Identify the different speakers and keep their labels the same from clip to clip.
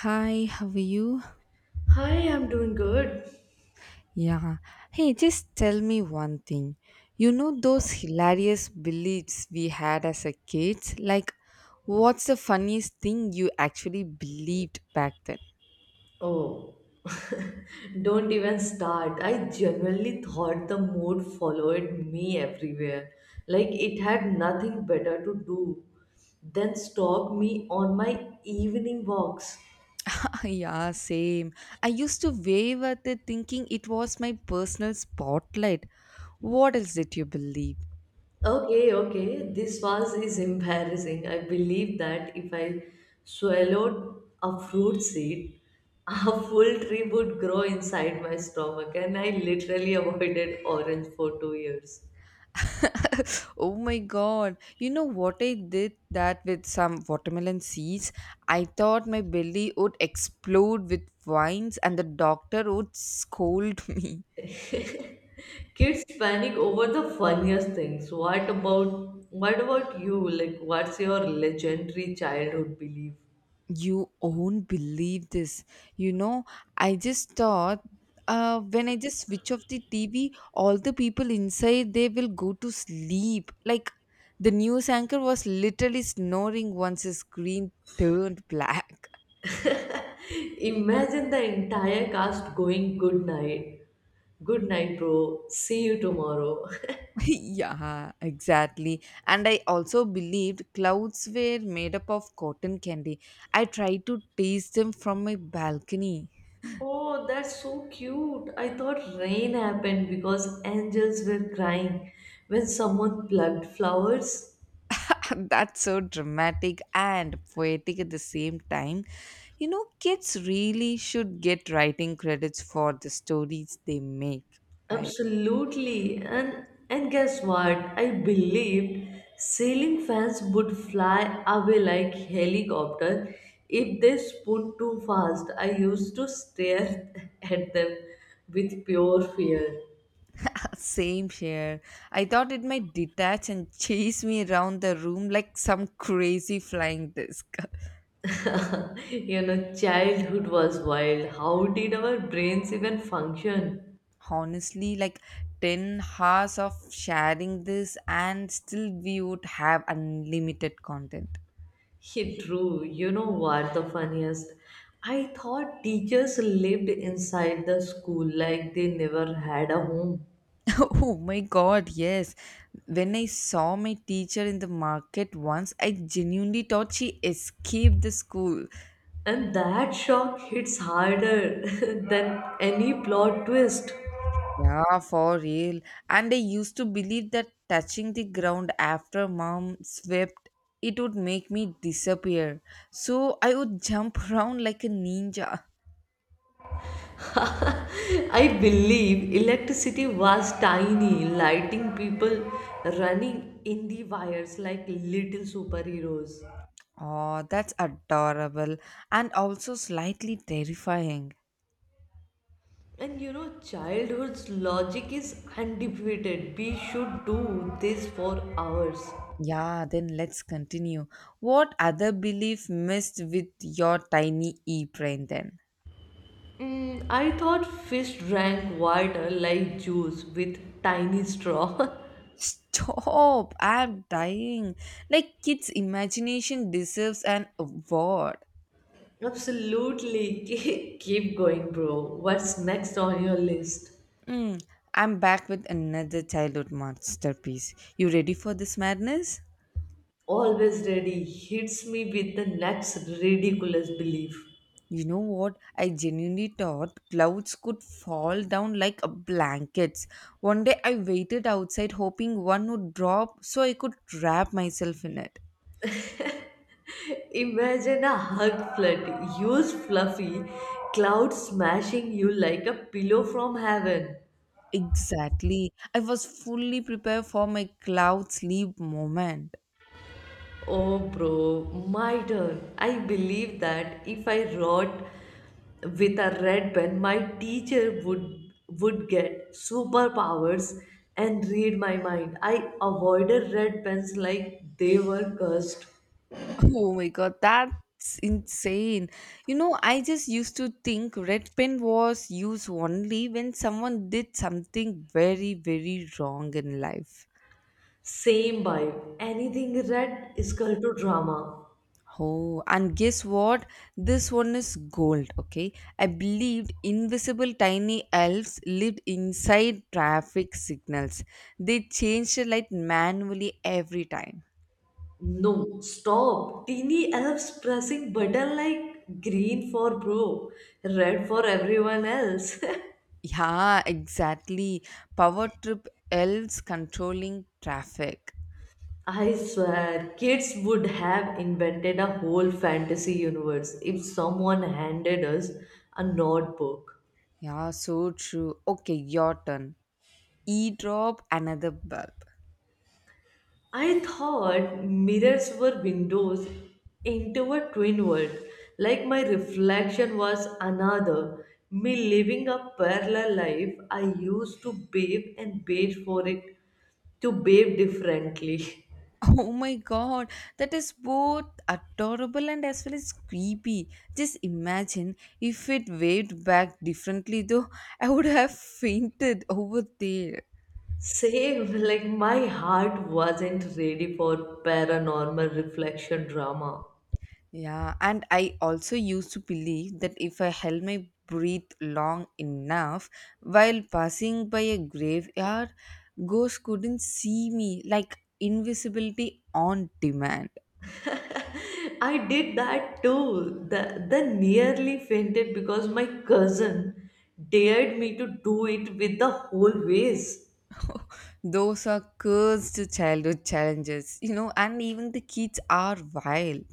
Speaker 1: Hi, how are you?
Speaker 2: Hi, I'm doing good.
Speaker 1: Yeah. Hey, just tell me one thing. You know those hilarious beliefs we had as a kids? Like, what's the funniest thing you actually believed back then?
Speaker 2: Oh, don't even start. I genuinely thought the mood followed me everywhere. Like it had nothing better to do than stalk me on my evening walks.
Speaker 1: yeah, same. I used to wave at it thinking it was my personal spotlight. What else did you believe?
Speaker 2: Okay, okay, this was is embarrassing. I believe that if I swallowed a fruit seed, a full tree would grow inside my stomach, and I literally avoided orange for 2 years.
Speaker 1: Oh my god. You know what I did that with some watermelon seeds? I thought my belly would explode with vines and the doctor would scold me.
Speaker 2: Kids panic over the funniest things. What about you? Like what's your legendary childhood belief?
Speaker 1: You won't believe this. You know, I just thought when I just switch off the TV, all the people inside they will go to sleep. Like the news anchor was literally snoring once his screen turned black.
Speaker 2: Imagine the entire cast going good night. Good night, bro. See you tomorrow.
Speaker 1: Yeah, exactly. And I also believed clouds were made up of cotton candy. I tried to taste them from my balcony.
Speaker 2: Oh, that's so cute. I thought rain happened because angels were crying when someone plucked flowers.
Speaker 1: That's so dramatic and poetic at the same time. You know, kids really should get writing credits for the stories they make. Right.
Speaker 2: Absolutely. And guess what? I believed sailing fans would fly away like helicopter if they spoon too fast. I used to stare at them with pure fear.
Speaker 1: Same here. I thought it might detach and chase me around the room like some crazy flying disc.
Speaker 2: Childhood was wild. How did our brains even function?
Speaker 1: Honestly, like 10 hours of sharing this and still we would have unlimited content.
Speaker 2: He drew. You know what the funniest? I thought teachers lived inside the school like they never had a home.
Speaker 1: Oh my god, yes. When I saw my teacher in the market once, I genuinely thought she escaped the school.
Speaker 2: And that shock hits harder than any plot twist.
Speaker 1: Yeah, for real. And I used to believe that touching the ground after mom swept it would make me disappear, so I would jump around like a ninja.
Speaker 2: I believe electricity was tiny, lighting people running in the wires like little superheroes.
Speaker 1: Oh, that's adorable, and also slightly terrifying.
Speaker 2: And you know, childhood's logic is undefeated. We should do this for hours.
Speaker 1: Yeah, then let's continue. What other belief missed with your tiny e brain then?
Speaker 2: I thought fish drank water like juice with tiny straw.
Speaker 1: Stop! I'm dying. Like, kids' imagination deserves an award.
Speaker 2: Absolutely. Keep going, bro. What's next on your list?
Speaker 1: Mm, I'm back with another childhood masterpiece. You ready for this madness?
Speaker 2: Always ready hits me with the next ridiculous belief.
Speaker 1: You know what? I genuinely thought clouds could fall down like a blankets. One day I waited outside hoping one would drop so I could wrap myself in it.
Speaker 2: Imagine a hug flood, huge fluffy cloud smashing you like a pillow from heaven.
Speaker 1: Exactly. I was fully prepared for my cloud sleep moment.
Speaker 2: Oh, bro, my turn. I believe that if I rot with a red pen, my teacher would get superpowers and read my mind. I avoided red pens like they were cursed.
Speaker 1: Oh my god, that's insane. You know, I just used to think red pen was used only when someone did something very, very wrong in life.
Speaker 2: Same vibe. Anything red is equal to drama.
Speaker 1: Oh, and guess what? This one is gold, okay? I believed invisible tiny elves lived inside traffic signals. They changed the light manually every time.
Speaker 2: No, stop. Teeny elves pressing button like green for bro, red for everyone else.
Speaker 1: Yeah, exactly. Power trip elves controlling traffic.
Speaker 2: I swear, kids would have invented a whole fantasy universe if someone handed us a notebook.
Speaker 1: Yeah, so true. Okay, your turn. E drop another bell.
Speaker 2: I thought mirrors were windows into a twin world, like my reflection was another. Me living a parallel life, I used to bathe for it to bathe differently.
Speaker 1: Oh my god, that is both adorable and as well as creepy. Just imagine if it waved back differently, though, I would have fainted over there.
Speaker 2: Same, like my heart wasn't ready for paranormal reflection drama.
Speaker 1: Yeah, and I also used to believe that if I held my breath long enough while passing by a graveyard, ghosts couldn't see me, like invisibility on demand.
Speaker 2: I did that too. The nearly fainted because my cousin dared me to do it with the whole vase.
Speaker 1: Those are cursed childhood challenges, you know, and even the kids are wild.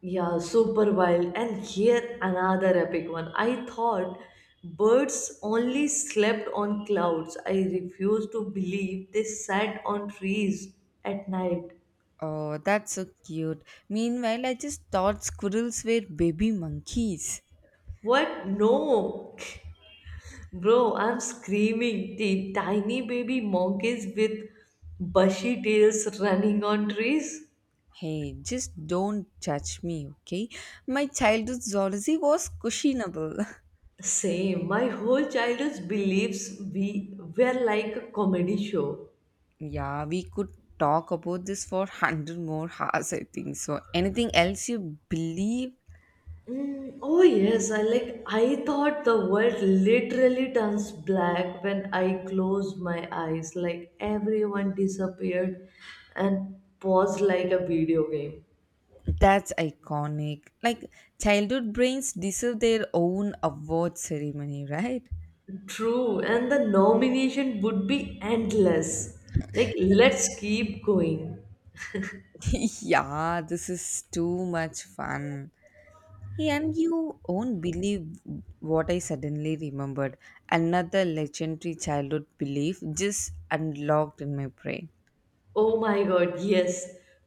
Speaker 2: Yeah, super wild. And here another epic one. I thought birds only slept on clouds. I refused to believe they sat on trees at night.
Speaker 1: Oh, that's so cute. Meanwhile, I just thought squirrels were baby monkeys.
Speaker 2: What? No. Bro, I'm screaming. The tiny baby monkeys with bushy tails running on trees.
Speaker 1: Hey, just don't judge me, okay? My childhood zoology was questionable.
Speaker 2: Same. My whole childhood beliefs we were like a comedy show.
Speaker 1: Yeah, we could talk about this for 100 more hours, I think. So, anything else you believe?
Speaker 2: Oh yes, I thought the world literally turns black when I close my eyes, like everyone disappeared and paused like a video game.
Speaker 1: That's iconic. Like, childhood brains deserve their own award ceremony, right?
Speaker 2: True, and the nomination would be endless. Like let's keep going.
Speaker 1: Yeah, this is too much fun. Yeah, and you won't believe what I suddenly remembered. Another legendary childhood belief just unlocked in my brain.
Speaker 2: Oh my god, yes.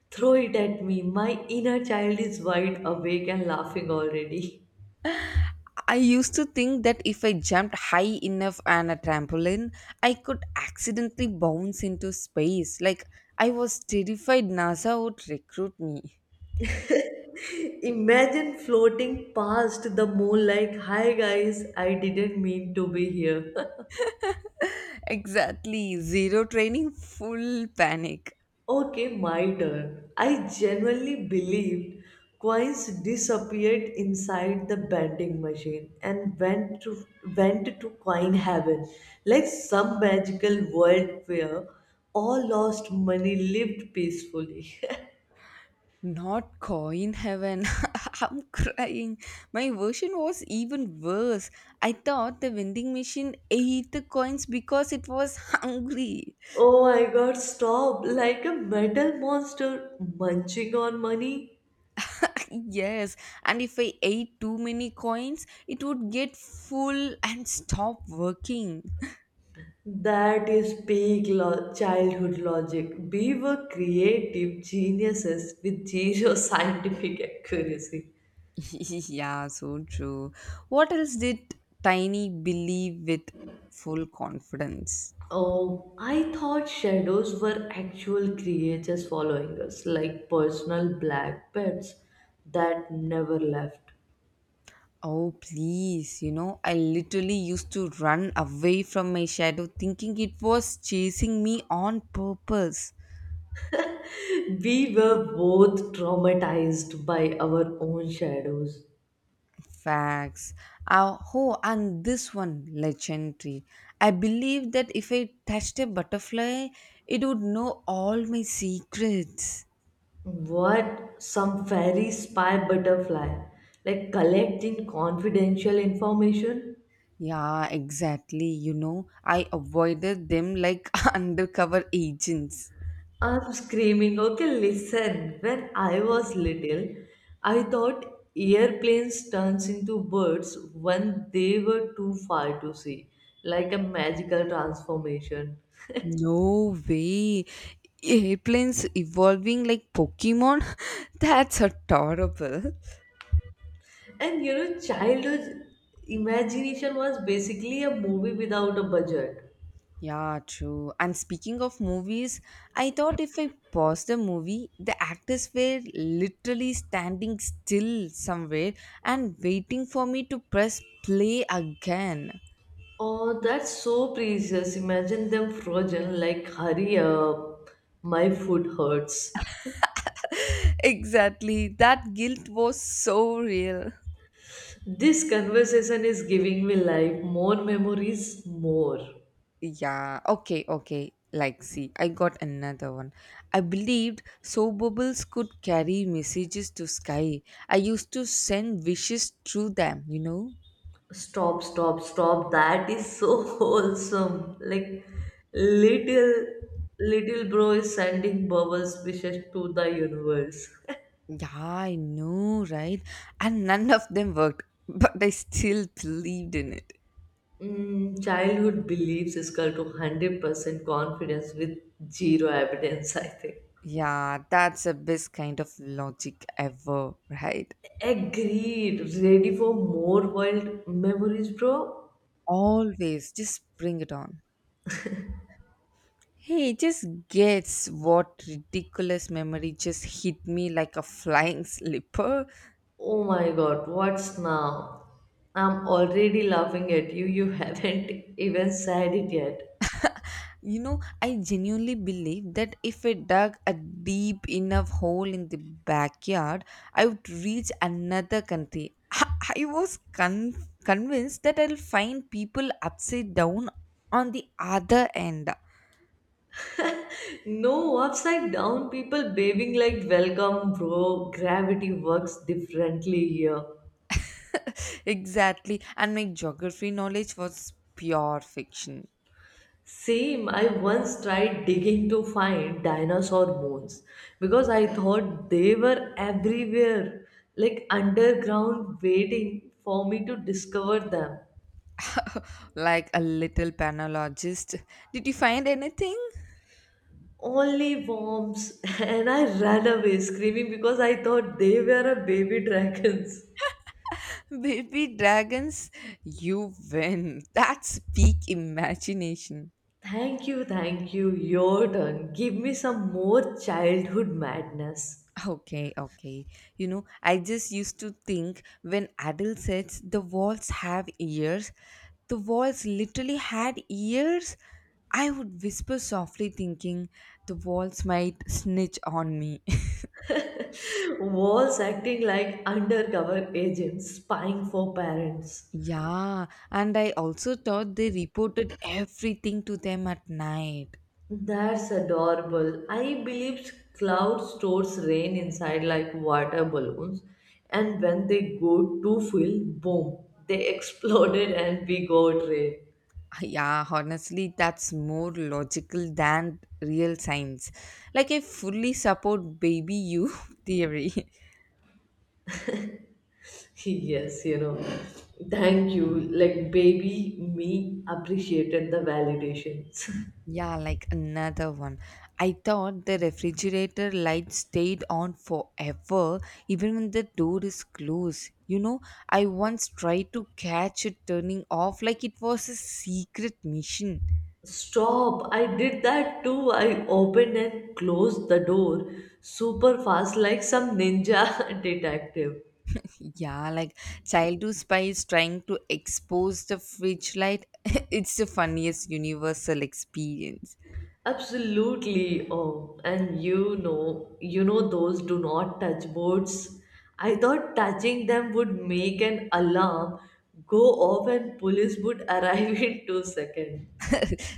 Speaker 2: Throw it at me. My inner child is wide awake and laughing already.
Speaker 1: I used to think that if I jumped high enough on a trampoline, I could accidentally bounce into space. Like, I was terrified NASA would recruit me.
Speaker 2: Imagine floating past the moon like, hi guys, I didn't mean to be here.
Speaker 1: Exactly. Zero training, full panic.
Speaker 2: okay, my turn. I genuinely believed coins disappeared inside the vending machine and went to coin heaven, like some magical world where all lost money lived peacefully.
Speaker 1: Not coin heaven. I'm crying. My version was even worse. I thought the vending machine ate the coins because it was hungry.
Speaker 2: Oh my god, stop! Like a metal monster munching on money?
Speaker 1: Yes, and if I ate too many coins, it would get full and stop working.
Speaker 2: That is peak childhood logic. We were creative geniuses with zero scientific accuracy.
Speaker 1: Yeah, so true. What else did Tiny believe with full confidence?
Speaker 2: Oh, I thought shadows were actual creatures following us, like personal black pets that never left.
Speaker 1: Oh, please, you know, I literally used to run away from my shadow thinking it was chasing me on purpose.
Speaker 2: We were both traumatized by our own shadows.
Speaker 1: Facts. Ah, oh, and this one, legendary. I believed that if I touched a butterfly, it would know all my secrets.
Speaker 2: What? Some fairy spy butterfly? Like collecting confidential information?
Speaker 1: Yeah, exactly. You know, I avoided them like undercover agents.
Speaker 2: I'm screaming. Okay, listen. When I was little, I thought airplanes turns into birds when they were too far to see, like a magical transformation.
Speaker 1: No way. Airplanes evolving like Pokemon? That's adorable.
Speaker 2: And you know, childhood imagination was basically a movie without a budget.
Speaker 1: Yeah, true. And speaking of movies, I thought if I paused the movie, the actors were literally standing still somewhere and waiting for me to press play again.
Speaker 2: Oh, that's so precious. Imagine them frozen, like, hurry up, my foot hurts.
Speaker 1: Exactly. That guilt was so real.
Speaker 2: This conversation is giving me life. More memories, more.
Speaker 1: Yeah, okay, okay. Like, see, I got another one. I believed soap bubbles could carry messages to sky. I used to send wishes through them, you know?
Speaker 2: Stop. That is so wholesome. Like, little, little bro is sending Bubbles wishes to the universe.
Speaker 1: Yeah, I know, right? And none of them worked, but I still believed in it.
Speaker 2: Childhood beliefs is equal to 100% confidence with zero evidence, I think.
Speaker 1: Yeah, that's the best kind of logic ever, right?
Speaker 2: Agreed. Ready for more wild memories, bro?
Speaker 1: Always, just bring it on. Hey, just guess what ridiculous memory just hit me like a flying slipper?
Speaker 2: Oh my god, what's now? I'm already laughing at you. You haven't even said it yet.
Speaker 1: You know, I genuinely believe that if I dug a deep enough hole in the backyard, I would reach another country. I was convinced that I'll find people upside down on the other end.
Speaker 2: No, upside down people waving like welcome, bro. Gravity works differently here.
Speaker 1: Exactly. And my geography knowledge was pure fiction.
Speaker 2: Same, I once tried digging to find dinosaur bones because I thought they were everywhere, like underground, waiting for me to discover them.
Speaker 1: Like a little panologist. Did you find anything?
Speaker 2: Only worms and I ran away screaming because I thought they were a baby dragons.
Speaker 1: Baby dragons, you win. That's peak imagination.
Speaker 2: Thank you. Your turn, give me some more childhood madness.
Speaker 1: Okay, okay. You know, I just used to think when adults said the walls have ears, the walls literally had ears. I would whisper softly, thinking the walls might snitch on me.
Speaker 2: Walls acting like undercover agents spying for parents.
Speaker 1: Yeah, and I also thought they reported everything to them at night.
Speaker 2: That's adorable. I believed cloud stores rain inside like water balloons, and when they go too full, boom, they exploded and we got rain.
Speaker 1: Yeah, honestly, that's more logical than real science. Like, I fully support baby you theory.
Speaker 2: Yes, you know, thank you. Like, baby me appreciated the validations.
Speaker 1: Yeah, like another one. I thought the refrigerator light stayed on forever even when the door is closed. You know, I once tried to catch it turning off like it was a secret mission.
Speaker 2: Stop, I did that too. I opened and closed the door super fast, like some ninja detective.
Speaker 1: Yeah, like childhood spies trying to expose the fridge light. It's the funniest universal experience.
Speaker 2: Absolutely. Oh, and those do not touch boards. I thought touching them would make an alarm go off and police would arrive in 2 seconds.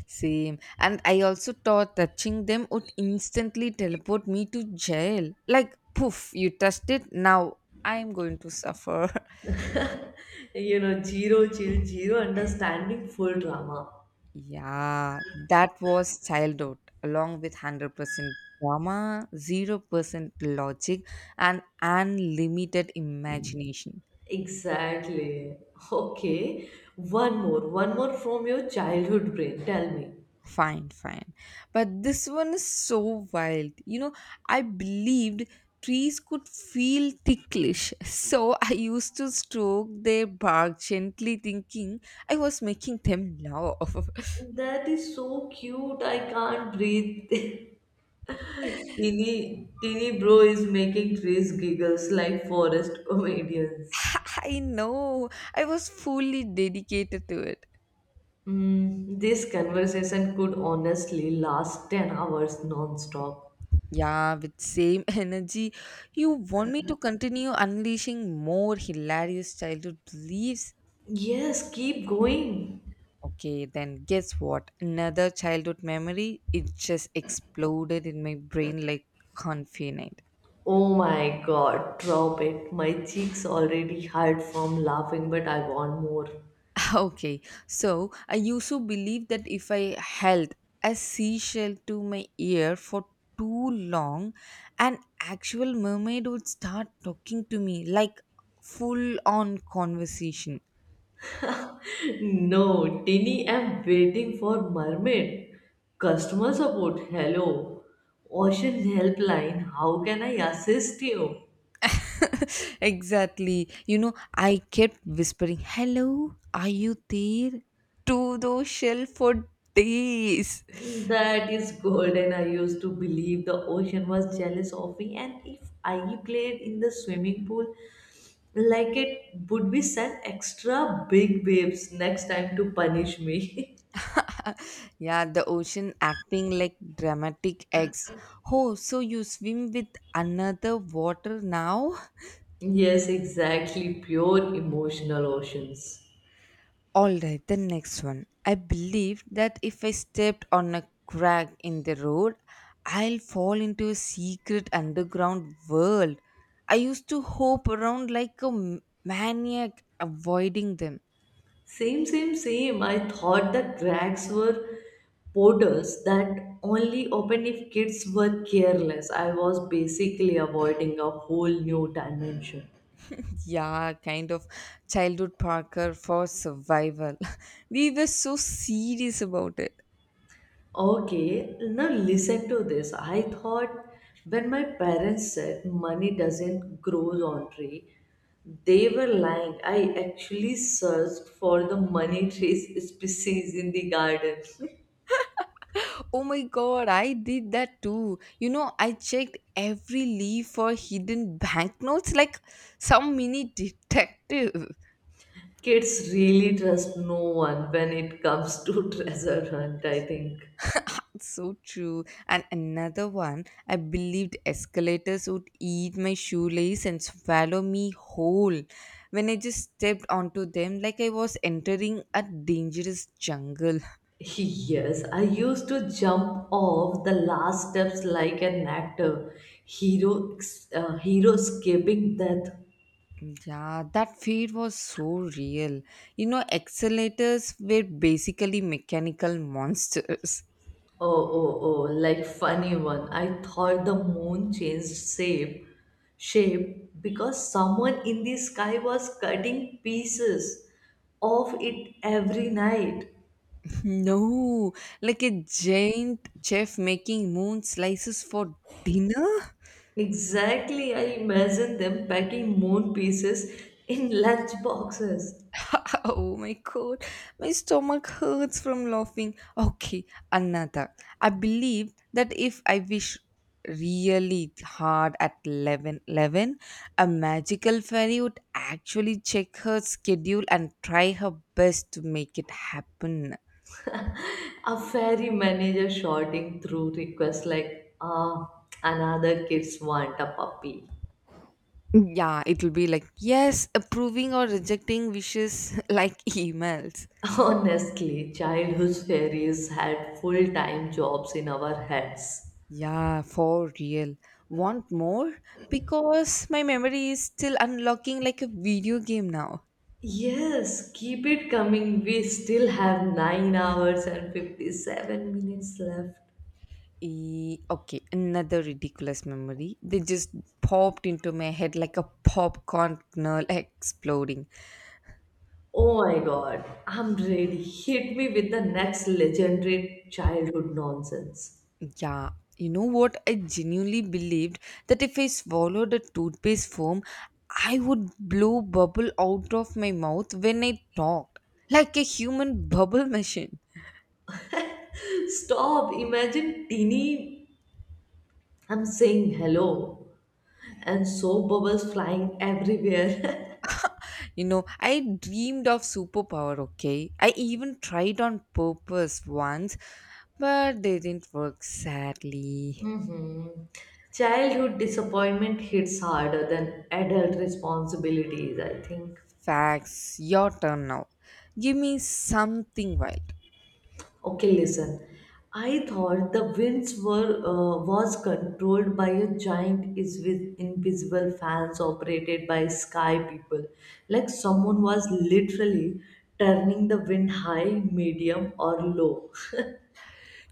Speaker 1: Same. And I also thought touching them would instantly teleport me to jail. Like, poof, you touched it, now I'm going to suffer.
Speaker 2: You know, zero chill, zero understanding, full drama.
Speaker 1: Yeah, that was childhood, along with 100% drama, 0% logic, and unlimited imagination.
Speaker 2: Exactly. Okay. One more from your childhood brain. Tell me.
Speaker 1: Fine, fine. But this one is so wild. You know, I believed trees could feel ticklish. So I used to stroke their bark gently, thinking I was making them love.
Speaker 2: That is so cute. I can't breathe. Teeny bro is making trees giggles like forest comedians.
Speaker 1: I know. I was fully dedicated to it.
Speaker 2: Hmm. This conversation could honestly last 10 hours non-stop.
Speaker 1: Yeah, with same energy. You want me to continue unleashing more hilarious childhood beliefs?
Speaker 2: Yes, keep going.
Speaker 1: Okay, then guess what? Another childhood memory. It just exploded in my brain like confident.
Speaker 2: Oh my god, drop it. My cheeks already hurt from laughing, but I want more.
Speaker 1: Okay, so I used to believe that if I held a seashell to my ear for too long, an actual mermaid would start talking to me like full on conversation.
Speaker 2: No, Tini, I'm waiting for mermaid. Customer support, hello. Ocean helpline, how can I assist you?
Speaker 1: Exactly. You know, I kept whispering, "Hello, are you there?" to those shell for days.
Speaker 2: That is golden. I used to believe the ocean was jealous of me, and if I played in the swimming pool, like it would be sent extra big waves next time to punish me.
Speaker 1: Yeah, the ocean acting like dramatic ex. Oh, so you swim with another water now?
Speaker 2: Yes, exactly. Pure emotional oceans.
Speaker 1: All right, the next one. I believe that if I stepped on a crack in the road, I'll fall into a secret underground world. I used to hope around like a maniac, avoiding them.
Speaker 2: Same. I thought that drags were portals that only opened if kids were careless. I was basically avoiding a whole new dimension.
Speaker 1: Yeah, kind of childhood Parker for survival. We were so serious about it.
Speaker 2: Okay, now listen to this. I thought when my parents said money doesn't grow on tree, they were lying. I actually searched for the money trees species in the garden.
Speaker 1: Oh my god, I did that too. You know, I checked every leaf for hidden banknotes like some mini detective.
Speaker 2: Kids really trust no one when it comes to treasure hunt, I think.
Speaker 1: So true. And another one, I believed escalators would eat my shoelace and swallow me whole when I just stepped onto them like I was entering a dangerous jungle.
Speaker 2: Yes, I used to jump off the last steps like an actor, hero, hero escaping death.
Speaker 1: Yeah, that fear was so real. You know, escalators were basically mechanical monsters.
Speaker 2: Oh, like funny one. I thought the moon changed shape because someone in the sky was cutting pieces of it every night.
Speaker 1: No, like a giant chef making moon slices for dinner.
Speaker 2: Exactly, I imagine them packing moon pieces in lunch boxes.
Speaker 1: Oh my god, my stomach hurts from laughing. Okay, another. I believe that if I wish really hard at 11, 11, a magical fairy would actually check her schedule and try her best to make it happen.
Speaker 2: A ferry manager shouting through requests like, ah, another kids want a puppy.
Speaker 1: Yeah, it'll be like yes, approving or rejecting wishes like emails.
Speaker 2: Honestly, childhood fairies had full time jobs in our heads.
Speaker 1: Yeah, for real. Want more? Because my memory is still unlocking like a video game now.
Speaker 2: Yes, keep it coming. We still have 9 hours and 57 minutes left.
Speaker 1: E- okay, another ridiculous memory. They just popped into my head like a popcorn kernel exploding.
Speaker 2: Oh my god, I'm ready. Hit me with the next legendary childhood nonsense.
Speaker 1: Yeah, you know what? I genuinely believed that if I swallowed a toothpaste foam, I would blow bubble out of my mouth when I talked, like a human bubble machine.
Speaker 2: Stop, imagine Teeny. I'm saying hello and soap bubbles flying everywhere.
Speaker 1: You know, I dreamed of superpower, okay? I even tried on purpose once, but they didn't work sadly.
Speaker 2: Mhm. Childhood disappointment hits harder than adult responsibilities, I think.
Speaker 1: Facts, your turn now. Give me something wild.
Speaker 2: Okay, listen. I thought the winds were was controlled by a giant is with invisible fans operated by sky people. Like someone was literally turning the wind high, medium, or low.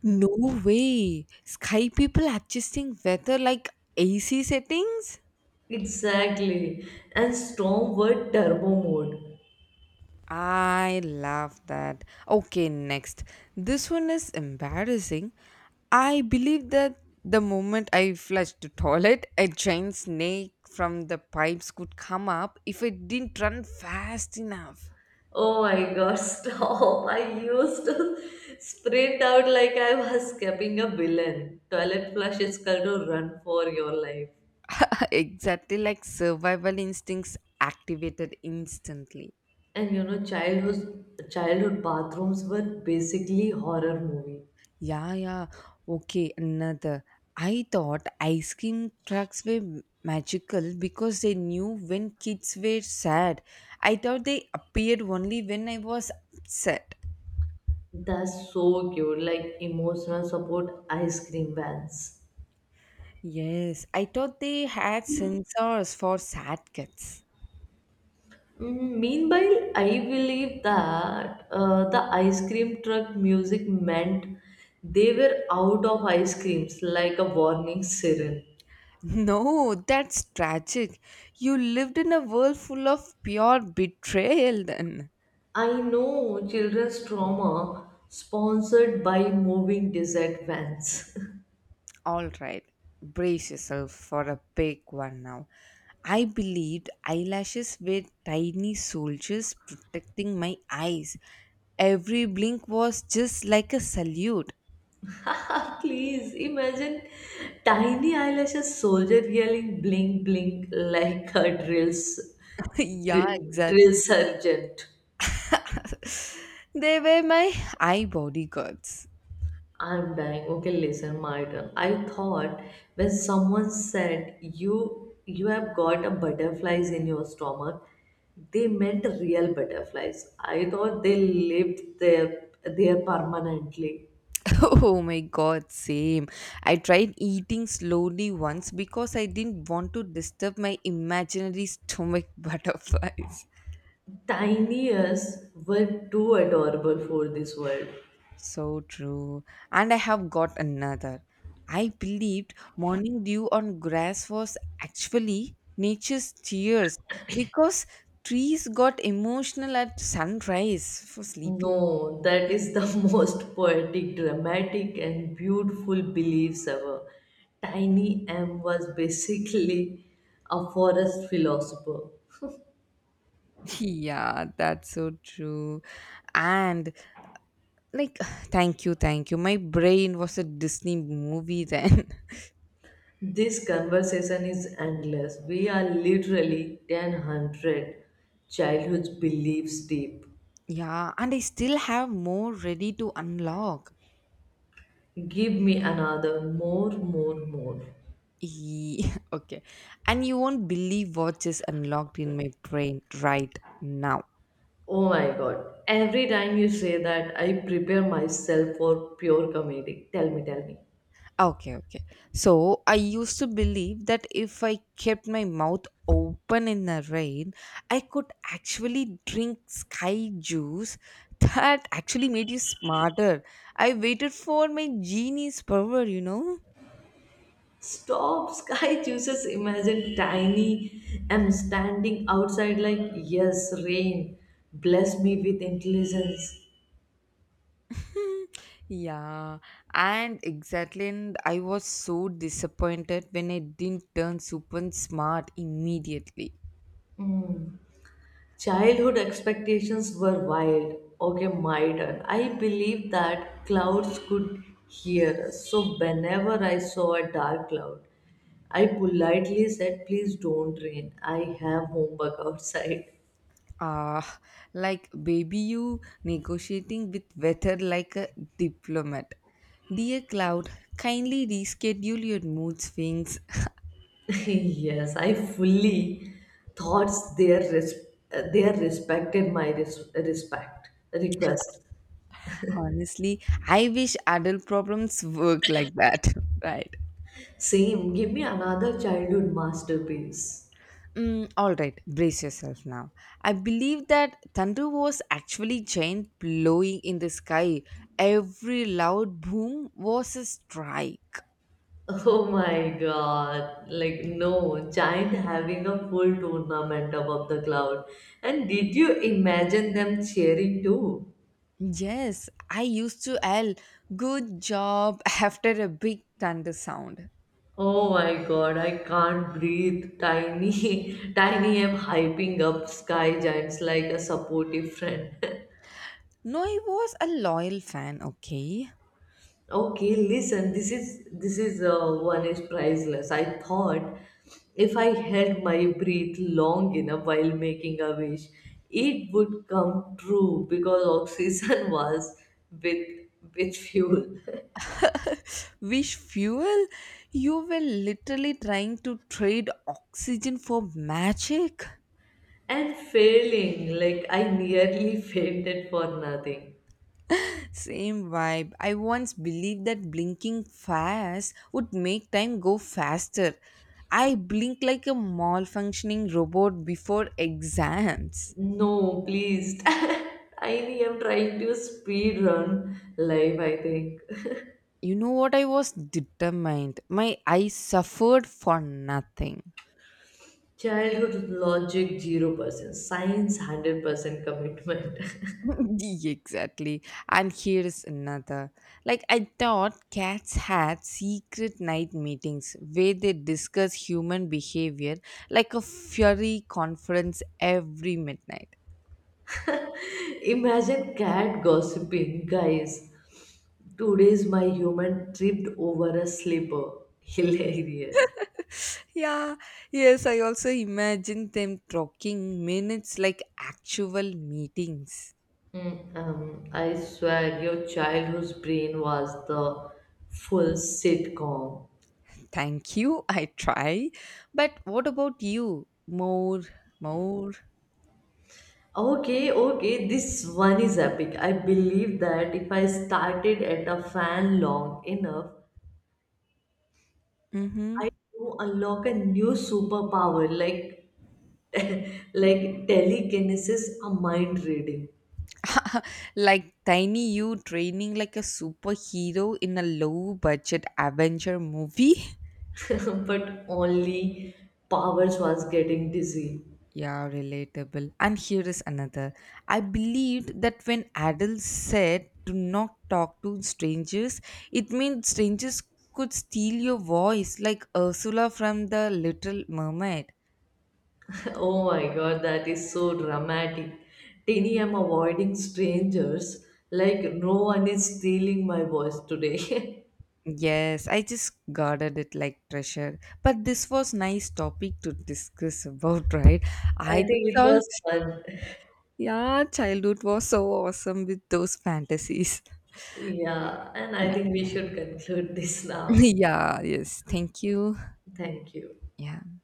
Speaker 1: No way. Sky people adjusting weather like AC settings?
Speaker 2: Exactly. And storm were turbo mode.
Speaker 1: I love that. Okay, next. This one is embarrassing. I believe that the moment I flushed the toilet, a giant snake from the pipes could come up if I didn't run fast enough.
Speaker 2: Oh my god, stop. I used to sprint out like I was escaping a villain. Toilet flush is called to run for your life.
Speaker 1: Exactly, like survival instincts activated instantly.
Speaker 2: And you know, childhood bathrooms were basically horror movie.
Speaker 1: Yeah, yeah. Okay, another. I thought ice cream trucks were magical because they knew when kids were sad. I thought they appeared only when I was upset.
Speaker 2: That's so cute, like emotional support ice cream vans.
Speaker 1: Yes, I thought they had sensors for sad kids.
Speaker 2: Meanwhile, I believe that the ice cream truck music meant they were out of ice creams, like a warning siren.
Speaker 1: No, that's tragic. You lived in a world full of pure betrayal then.
Speaker 2: I know children's trauma sponsored by moving dessert vans.
Speaker 1: All right, brace yourself for a big one now. I believed eyelashes were tiny soldiers protecting my eyes. Every blink was just like a salute.
Speaker 2: Please imagine tiny eyelashes soldier yelling blink blink like a drill,
Speaker 1: Yeah, exactly.
Speaker 2: drill sergeant.
Speaker 1: They were my eye bodyguards.
Speaker 2: I'm dying. Okay, listen, my turn. I thought when someone said you have got a butterflies in your stomach, they meant real butterflies. I thought they lived there permanently.
Speaker 1: Oh my god, same. I tried eating slowly once because I didn't want to disturb my imaginary stomach butterflies.
Speaker 2: Tiny ears were too adorable for this world.
Speaker 1: So true. And I have got another. I believed morning dew on grass was actually nature's tears because trees got emotional at sunrise for sleeping.
Speaker 2: No, that is the most poetic, dramatic, and beautiful beliefs ever. Tiny M was basically a forest philosopher.
Speaker 1: Yeah, that's so true. And like, thank you, thank you. My brain was a Disney movie then.
Speaker 2: This conversation is endless. We are literally 1,000 childhood beliefs deep.
Speaker 1: Yeah, and I still have more ready to unlock.
Speaker 2: Give me another, more, more.
Speaker 1: Ye- okay. And you won't believe what is unlocked in my brain right now.
Speaker 2: Oh my god. Every time you say that, I prepare myself for pure comedy. Tell me.
Speaker 1: Okay, okay. So I used to believe that if I kept my mouth open in the rain, I could actually drink sky juice. That actually made you smarter. I waited for my genie's power, you know?
Speaker 2: Stop, sky chooses imagine tiny. I'm standing outside like, yes, rain, bless me with intelligence.
Speaker 1: Yeah, and exactly, and I was so disappointed when I didn't turn super smart immediately.
Speaker 2: Childhood expectations were wild. Okay, my turn. I believed that clouds could hear us. So, whenever I saw a dark cloud, I politely said, please don't rain. I have homework outside.
Speaker 1: Ah, like baby you negotiating with weather like a diplomat. Dear cloud, kindly reschedule your mood swings.
Speaker 2: yes, I fully thought their their respected my respect request.
Speaker 1: Honestly, I wish adult problems work like that, right?
Speaker 2: Same, give me another childhood masterpiece.
Speaker 1: Mm, all right, brace yourself now. I believe that thunder was actually giant blowing in the sky. Every loud boom was a strike.
Speaker 2: Oh my god, like no, giant having a full tournament above the cloud. And did you imagine them cheering too?
Speaker 1: Yes, I used to yell, "Good job," after a big thunder sound.
Speaker 2: Oh my god, I can't breathe. Tiny am hyping up sky giants like a supportive friend.
Speaker 1: No, I was a loyal fan, okay?
Speaker 2: Okay, listen, this is one is priceless. I thought if I held my breath long enough while making a wish, it would come true because oxygen was with with fuel.
Speaker 1: Wish fuel? You were literally trying to trade oxygen for magic.
Speaker 2: And failing, like I nearly fainted for nothing.
Speaker 1: Same vibe. I once believed that blinking fast would make time go faster. I blink like a malfunctioning robot before exams.
Speaker 2: No, please. I am trying to speed run life, I think.
Speaker 1: You know what? I was determined. My eyes suffered for nothing.
Speaker 2: Childhood logic 0%, science 100% commitment.
Speaker 1: Exactly. And here is another. Like, I thought cats had secret night meetings where they discuss human behavior like a fury conference every midnight.
Speaker 2: Imagine cat gossiping, guys. Today's my human tripped over a slipper. Hilarious.
Speaker 1: Yeah, yes, I also imagine them talking minutes like actual meetings.
Speaker 2: I swear your childhood's brain was the full sitcom.
Speaker 1: Thank you, I try. But what about you? More, more.
Speaker 2: Okay, okay, this one is epic. I believe that if I started at a fan long enough,
Speaker 1: Mm-hmm.
Speaker 2: I do unlock a new superpower like like telekinesis a mind reading
Speaker 1: Like tiny you training like a superhero in a low budget adventure movie.
Speaker 2: but only powers was getting dizzy.
Speaker 1: Yeah, relatable. And here is another. I believed that when adults said to not talk to strangers, it meant strangers could steal your voice, like Ursula from the Little Mermaid.
Speaker 2: Oh my god, that is so dramatic. Tini, I'm avoiding strangers like no one is stealing my voice today.
Speaker 1: Yes, I just guarded it like treasure. But this was nice topic to discuss about, right?
Speaker 2: I
Speaker 1: I think
Speaker 2: think it
Speaker 1: so.
Speaker 2: was fun.
Speaker 1: Yeah, childhood was so awesome with those fantasies.
Speaker 2: Yeah, and I
Speaker 1: Yeah.
Speaker 2: think we should conclude this now.
Speaker 1: Yeah, yes. Thank you.
Speaker 2: Thank you.
Speaker 1: Yeah.